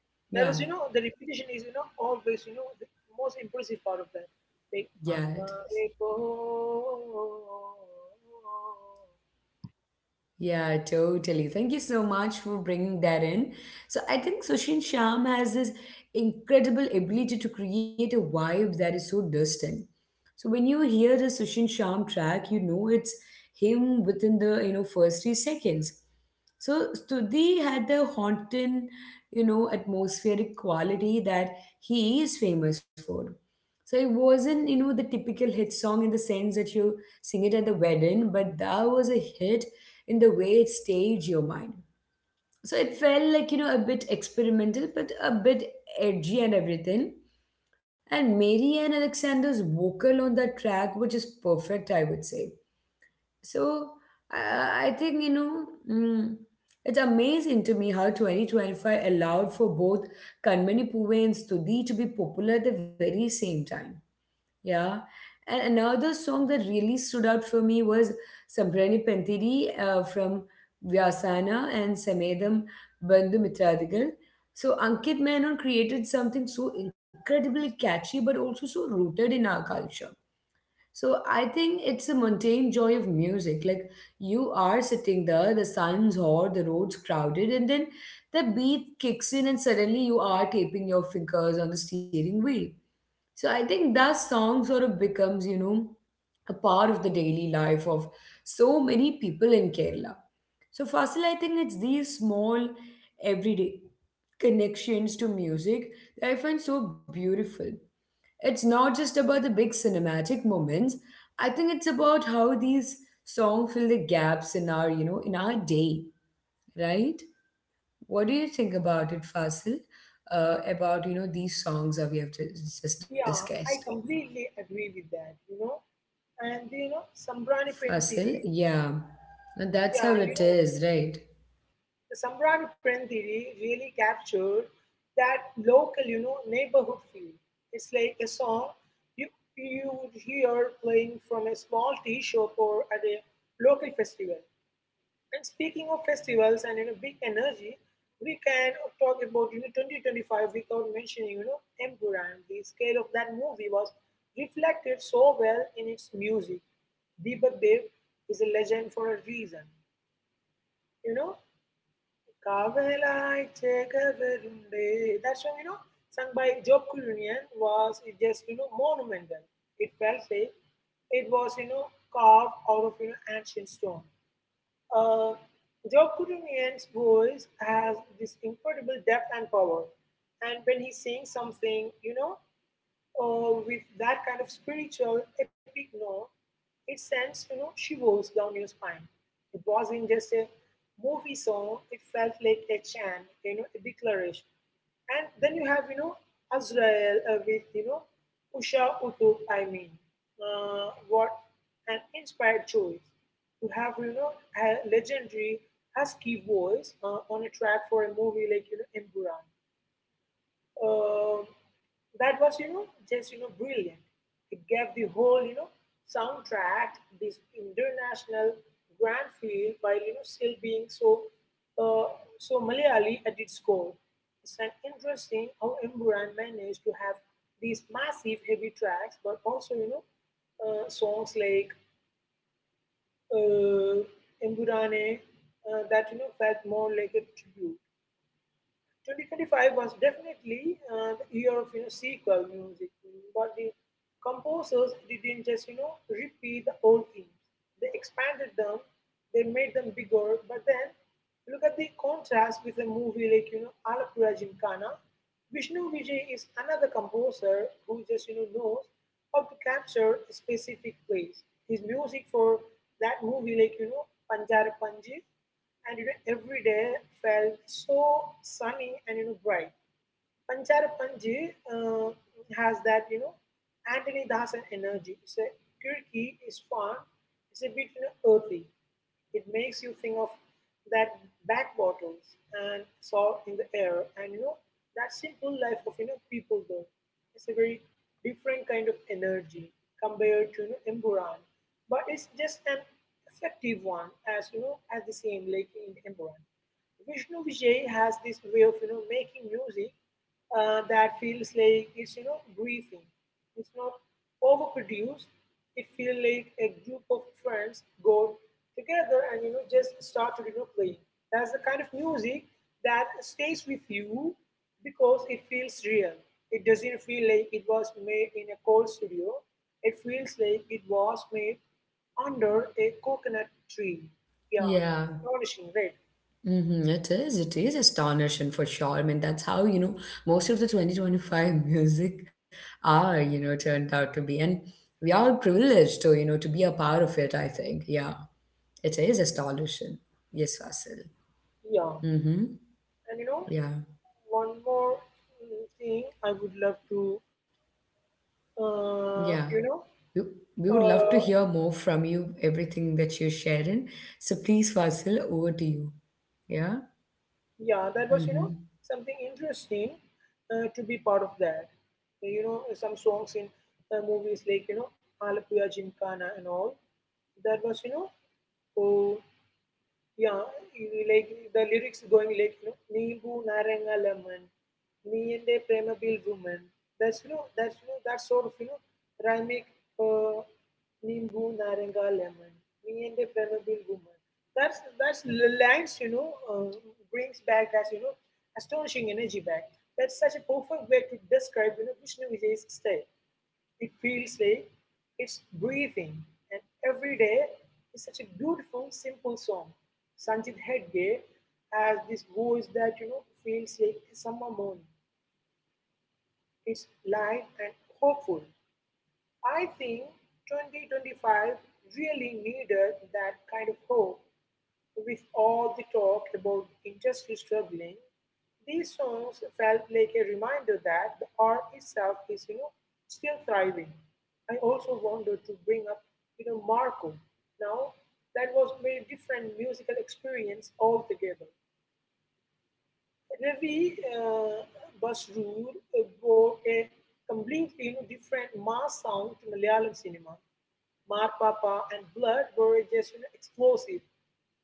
B: There was, you
A: Yeah.
B: know, the repetition is, you know, always, you know, the most impressive part of that. Like,
A: Yeah.
B: "Atmare ko."
A: Yeah, totally. Thank you so much for bringing that in. So I think Sushin Sham has this incredible ability to create a vibe that is so distinct. So when you hear the Sushin Sham track, you know it's him within the first 3 seconds. So Stuti had the haunting, atmospheric quality that he is famous for. So it wasn't, the typical hit song in the sense that you sing it at the wedding, but that was a hit in the way it staged your mind, so it felt like a bit experimental but a bit edgy and everything, and Mary and Alexander's vocal on that track were just perfect, I would say. so i, I think mm, it's amazing to me how 2025 allowed for both Kanmani Puve and Studi to be popular at the very same time, yeah. And another song that really stood out for me was Sambrani Pentiri from Vyasana and Samedam Bandhu Mitradigal. So Ankit Menon created something so incredibly catchy but also so rooted in our culture. So I think it's a mundane joy of music. Like you are sitting there, the sun's hot, the road's crowded, and then the beat kicks in and suddenly you are taping your fingers on the steering wheel. So I think that song sort of becomes, a part of the daily life of so many people in Kerala. So Fasil, I think it's these small everyday connections to music that I find so beautiful. It's not just about the big cinematic moments. I think it's about how these songs fill the gaps in our, in our day, right? What do you think about it, Fasil? About these songs that we have just
B: Yeah,
A: discussed.
B: I completely agree with that, you know. And, you know, Sambrani Pen
A: Fossil,
B: theory,
A: yeah. And
B: yeah,
A: that's how
B: you
A: it
B: know,
A: is, right?
B: the Sambrani Pen theory really captured that local, you know, neighborhood feel. It's like a song you, you would hear playing from a small tea shop or at a local festival. And speaking of festivals and you know big energy, we can talk about you know 2025 without mentioning you know Emperor. The scale of that movie was reflected so well in its music. Deepak Dev is a legend for a reason. You know, "Kavalai Chekavarunde," that song you know sung by Job Kulunian was just you know monumental. It felt like it was you know carved out of you know ancient stone, uh, Jokurunian's voice has this incredible depth and power. And when he sings something, you know, with that kind of spiritual epic note, it sends you know shivers down your spine. It wasn't just a movie song; it felt like a chant, you know, a declaration. And then you have you know Azrael with you know Usha Utub. What an inspired choice to have you know a legendary husky voice on a track for a movie like you know Emburan, uh, that was you know just you know brilliant. It gave the whole you know soundtrack this international grand feel while you know still being so uh, so malayali at its core. It's an interesting how Imran managed to have these massive heavy tracks but also you know songs like uh, Imburane that you know felt more like a tribute. 2025 was definitely the year of you know sequel music, but the composers didn't just you know repeat the old themes. They expanded them, they made them bigger. But then look at the contrast with a movie like you know Alapura Gymkhana. Vishnu Vijay is another composer who just you know knows how to capture a specific place. His music for that movie like you know Panjara Panji and you know every day felt so sunny and you know bright. Panchara Panji has that you know Anthony Dasan energy. It's a quirky, it's fun, it's a bit you know earthy, it makes you think of that back bottles and saw in the air, and you know that simple life of you know people though. It's a very different kind of energy compared to you know, Emburan, but it's just an effective one as you know as the same lake in Emburan. Vishnu Vijay has this way of you know making music that feels like it's you know breathing. It's not overproduced. It feels like a group of friends got together and you know just started you know playing. That's the kind of music that stays with you because it feels real. It doesn't feel like it was made in a cold studio. It feels like it was made under a coconut tree. Yeah,
A: Yeah.
B: astonishing, right?
A: Mm-hmm. It is. It is astonishing for sure. I mean, that's how, most of the 2025 music are, turned out to be. And we are privileged to, to be a part of it, I think. Yeah. It is astonishing. Yes, Fasil.
B: Yeah,
A: Mm-hmm.
B: and you know,
A: Yeah.
B: one more thing I would love to, uh,
A: Yeah.
B: you know,
A: We, we would love to
B: uh,
A: hear more from you, everything that you're sharing. So please, Fasil, over to you. Yeah.
B: yeah, that was, you know,
A: Mm-hmm.
B: something interesting to be part of that. You know, some songs in movies like, you know, Alapuya Gymkhana and all, that was, you know, oh, yeah, like the lyrics going like you know, Neebu Naranga Lemon, Nee and a Prema Bill Woman. That's you know, that sort of you know, rhythmic uh, Neebu Naranga Lemon, Nee and a Prema Bill Woman. Lines you know brings back that you know astonishing energy back. That's such a perfect way to describe you know Vishnu Vijay's style. It feels like it's breathing, and every day is such a beautiful, simple song. Sanjit Hedge has this voice that you know feels like a summer morning. It's light and hopeful. I think 2025 really needed that kind of hope with all the talk about industry struggling, these songs felt like a reminder that the art itself is, you know, still thriving. I also wanted to bring up, you know, Marco. Now, that was very different musical experience altogether. Ravi Basroor brought a completely you know, different mass sound to Malayalam cinema. Marpapa and Blood were just you know, explosive.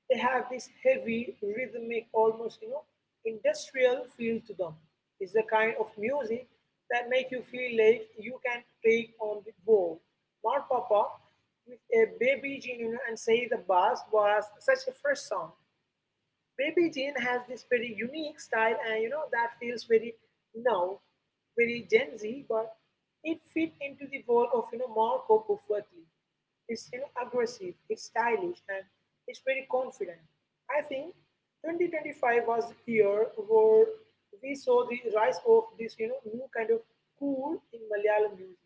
B: They have this heavy, rhythmic, almost you know, industrial feel to them. It's the kind of music that make you feel like you can take on the world. Marpapa with a baby gene you know, and say the bass was such a fresh song. Baby Jane has this very unique style and you know that feels very now, very Gen Z, but it fit into the world of you know Marco perfectly. It's you know aggressive, it's stylish, and it's very confident. I think 2025 was the year where we saw the rise of this you know new kind of cool in Malayalam music.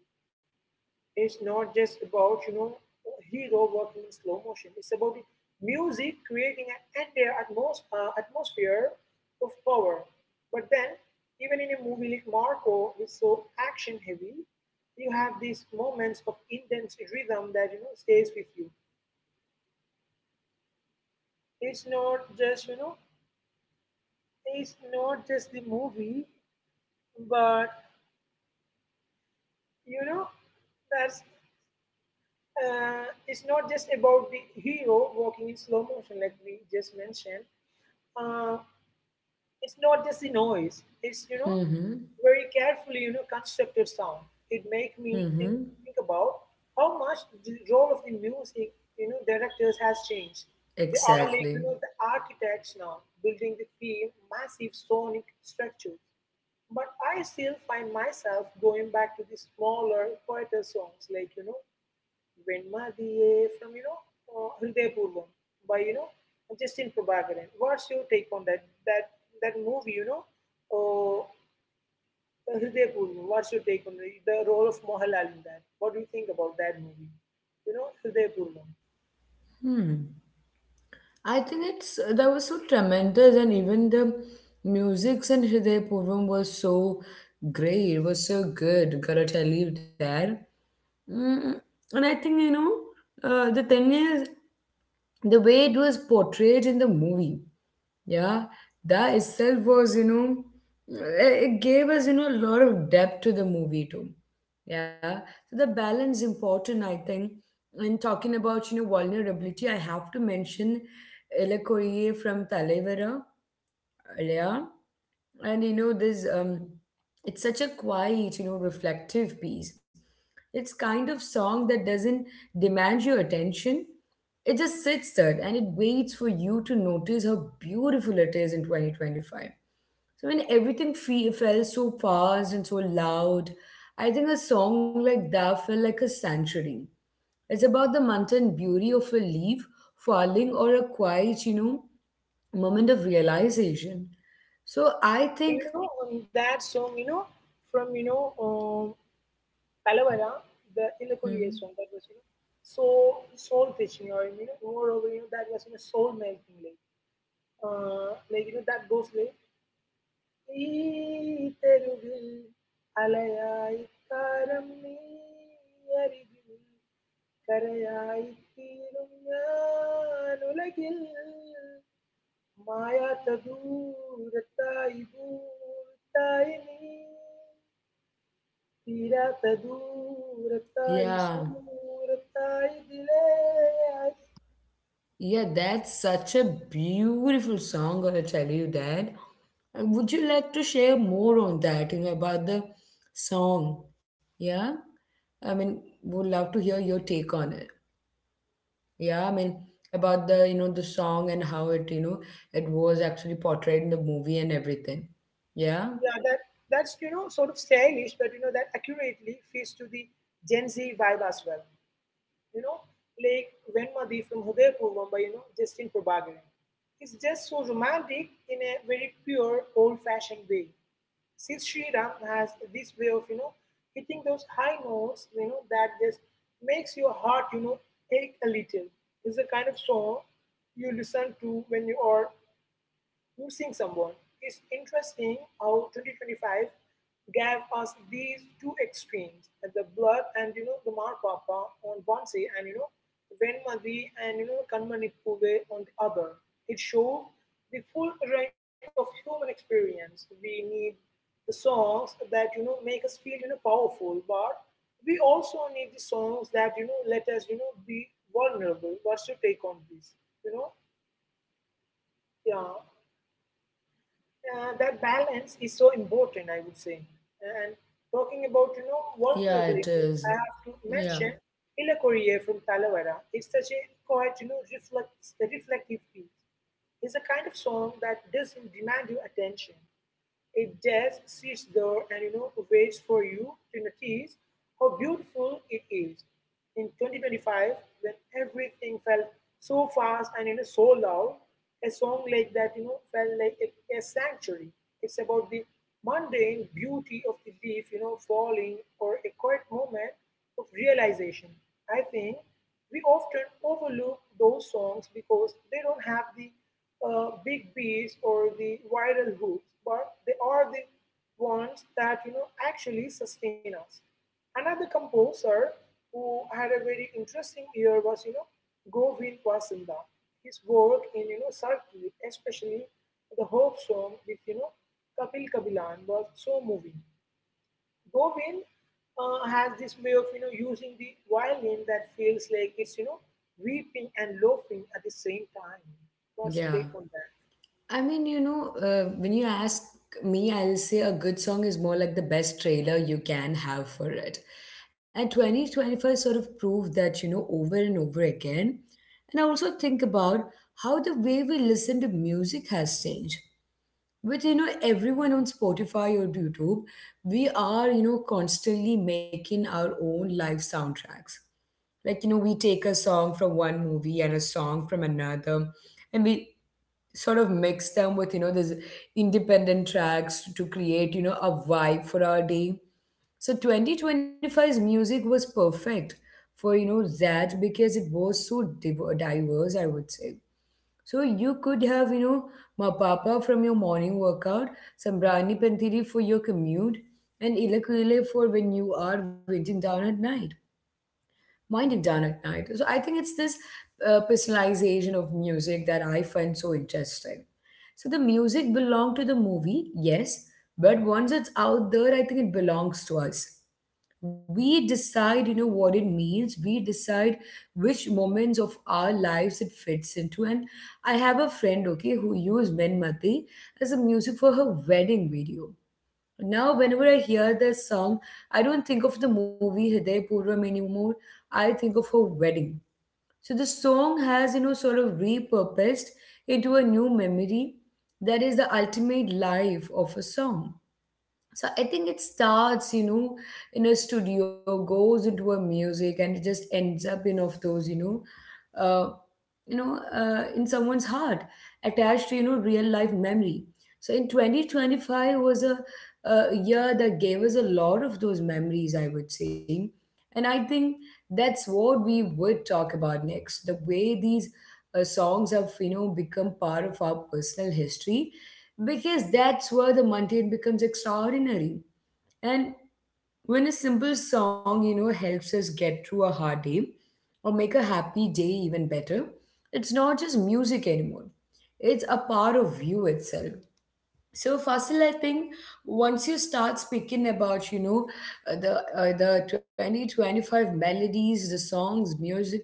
B: It's not just about, you know, a hero walking in slow motion. It's about the music creating an entire atmosphere of power. But then, even in a movie like Marco, which is so action heavy, you have these moments of intense rhythm that you know stays with you. It's not just you know, it's not just the movie, but you know that's it's not just about the hero walking in slow motion like we just mentioned. Uh, it's not just the noise. It's you know
A: Mm-hmm.
B: very carefully you know constructed sound. It make me
A: Mm-hmm.
B: think think about how much the role of the music you know directors has changed. They are like you
A: Exactly.
B: know the architects now building the theme, massive sonic structure. But I still find myself going back to the smaller, quieter songs like you know Venmadiye from, you know, Hriday Purvam by, you know, Justin Prabhakaran. What's your take on that? That movie, you know, uh, Hriday Purvam. What's your take on the role of Mohanlal in that? What do you think about that movie? You know, Hriday Purvam.
A: Hmm. I think it's That was so tremendous, and even the music in Hriday Purvam was so great. It was so good. Gotta tell you that. Mm, and I think the thing is, the way it was portrayed in the movie, yeah, that itself was it gave us a lot of depth to the movie too, yeah. So the balance important, I think. And talking about vulnerability, I have to mention Ella Koye from Talevara earlier. And you know, this it's such a quiet, reflective piece. It's kind of song that doesn't demand your attention. It just sits there and it waits for you to notice how beautiful it is in 2025. So when everything felt so fast and so loud, I think a song like that felt like a sanctuary. It's about the mountain beauty of a leaf falling or a quiet, moment of realization. So I think,
B: You know, that song, you know, from, you know, Palavara, the
A: hmm,
B: Ilakuriya song, that was, you know, soul teaching or, you know, moreover, you know, that was, you know, soul making, like, you know, that goes, like, ஈத்தருகில் அலையாய் காரம் நீ அருகில் கரையாய் தீரும் யான் உலகில் மாயாத்த தூரத்தாய் பூத்தாய் நீ தீராத்த தூரத்தாய்
A: yeah,
B: சூரத்தாய் திலே.
A: yeah, that's such a beautiful song. I'll tell you that. And would you like to share more on that? You know about the song. Yeah, I mean, would love to hear your take on it. Yeah, I mean, about the you know the song and how it it was actually portrayed in the movie and everything. Yeah,
B: Yeah, that's you know sort of stylish, but you know that accurately fits to the Gen Z vibe as well. You know, like Venmadi from Hudaypur, Mumbai, you know, Justin Prabhakaran. It's just so romantic in a very pure, old-fashioned way. Since Sriram has this way of, you know, hitting those high notes, you know, that just makes your heart, you know, ache a little. It's the kind of song you listen to when you are choosing someone. It's interesting how 2025 gave us these two extremes, the blood and you know the Mar Papa on one side and you know Venmadi and you know Kanmani Pule on the other. It showed the full range of human experience. We need the songs that you know make us feel you know powerful, but we also need the songs that you know let us you know be vulnerable. What's your take on this? You know, yeah that balance is so important, I would say. And talking about you know
A: yeah, it
B: vulnerability,
A: is.
B: I have to
A: Yeah,
B: mention Ila Korea from Talavera. It's such a quite you know reflects a reflective piece. It's a kind of song that doesn't demand your attention. It just sits there and you know waits for you to notice how beautiful it is. In 2025, when everything felt so fast and you know so loud, a song like that you know felt like a sanctuary. It's about the mundane beauty of the leaf, you know, falling or a quiet moment of realization. I think we often overlook those songs because they don't have the big bees or the viral hoops, but they are the ones that you know actually sustain us. Another composer who had a very interesting year was you know Govind Vasinda. His work in you know Sarki, especially the hope song with you know Kapil Kabilan was so moving. Govind has this way of you know using the violin that feels like it's you know weeping and laughing at the same time. What's your
A: yeah.
B: take on that?
A: I mean, when you ask me, I'll say a good song is more like the best trailer you can have for it. And 2025 sort of proved that, over and over again. And I also think about how the way we listen to music has changed. With, everyone on Spotify or YouTube, we are, constantly making our own live soundtracks. Like, we take a song from one movie and a song from another, and we sort of mix them with these independent tracks to create a vibe for our day. So 2025's music was perfect for that because it was so diverse, I would say. So you could have Mapapa from your morning workout, Sambrani Panthiri for your commute, and Ilakuile for when you are waiting down at night winding down at night. So I think it's this personalization of music that I find so interesting. So the music belonged to the movie, yes, but once it's out there, I think it belongs to us. We decide, what it means. We decide which moments of our lives it fits into. And I have a friend, okay, who used Min Mati as a music for her wedding video. Now, whenever I hear this song, I don't think of the movie Hriday Purvam anymore. I think of her wedding. So the song has, sort of repurposed into a new memory. That is the ultimate life of a song. So I think it starts in a studio, goes into a music, and it just ends up in of those uh, in someone's heart, attached to real life memory. So in 2025 was a year that gave us a lot of those memories, I would say. And I think that's what we would talk about next, the way these songs have become part of our personal history, because that's where the mundane becomes extraordinary. And when a simple song, helps us get through a hard day or make a happy day even better, it's not just music anymore. It's a part of you itself. So Fasil, I think once you start speaking about, the 2025 melodies, the songs, music,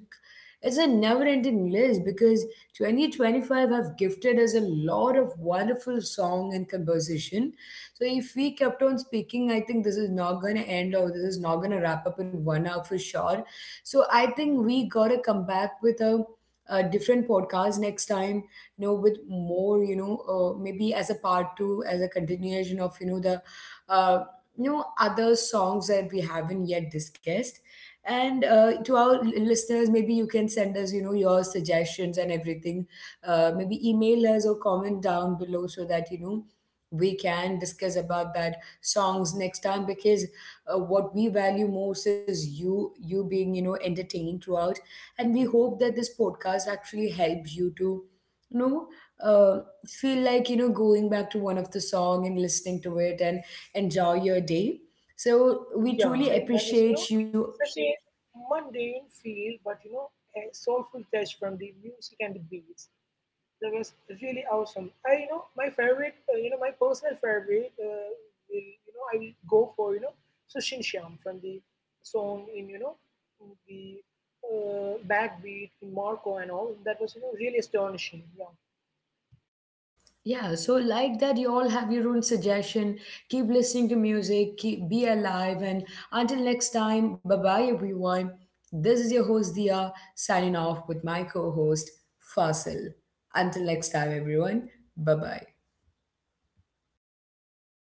A: it's a never-ending list because 2025 have gifted us a lot of wonderful song and composition. So if we kept on speaking, I think this is not gonna end or this is not gonna wrap up in 1 hour for sure. So I think we gotta come back with a different podcast next time, you know, with more maybe as a part two, as a continuation of you know the uh, you know other songs that we haven't yet discussed. And to our listeners, maybe you can send us your suggestions and everything, maybe email us or comment down below so that we can discuss about that songs next time, because what we value most is you being entertained throughout. And we hope that this podcast actually helps you to no uh, feel like going back to one of the song and listening to it and enjoy your day. So we
B: Yeah,
A: truly
B: so, that was, you know,
A: appreciate you.
B: such a mundane feel, but you know, a soulful touch from the music and the beats. That was really awesome. I, you know, my favorite, you know, my personal favorite will, you know, I will go for, you know, Sushin Shyam from the song in, you know, the backbeat in Marco and all. That was, you know, really astonishing. Yeah.
A: Yeah, so like that, you all have your own suggestion. Keep listening to music, keep be alive, and until next time, bye bye everyone. This is your host Dia, signing off with my co-host Fasil. Until next time, everyone, bye bye.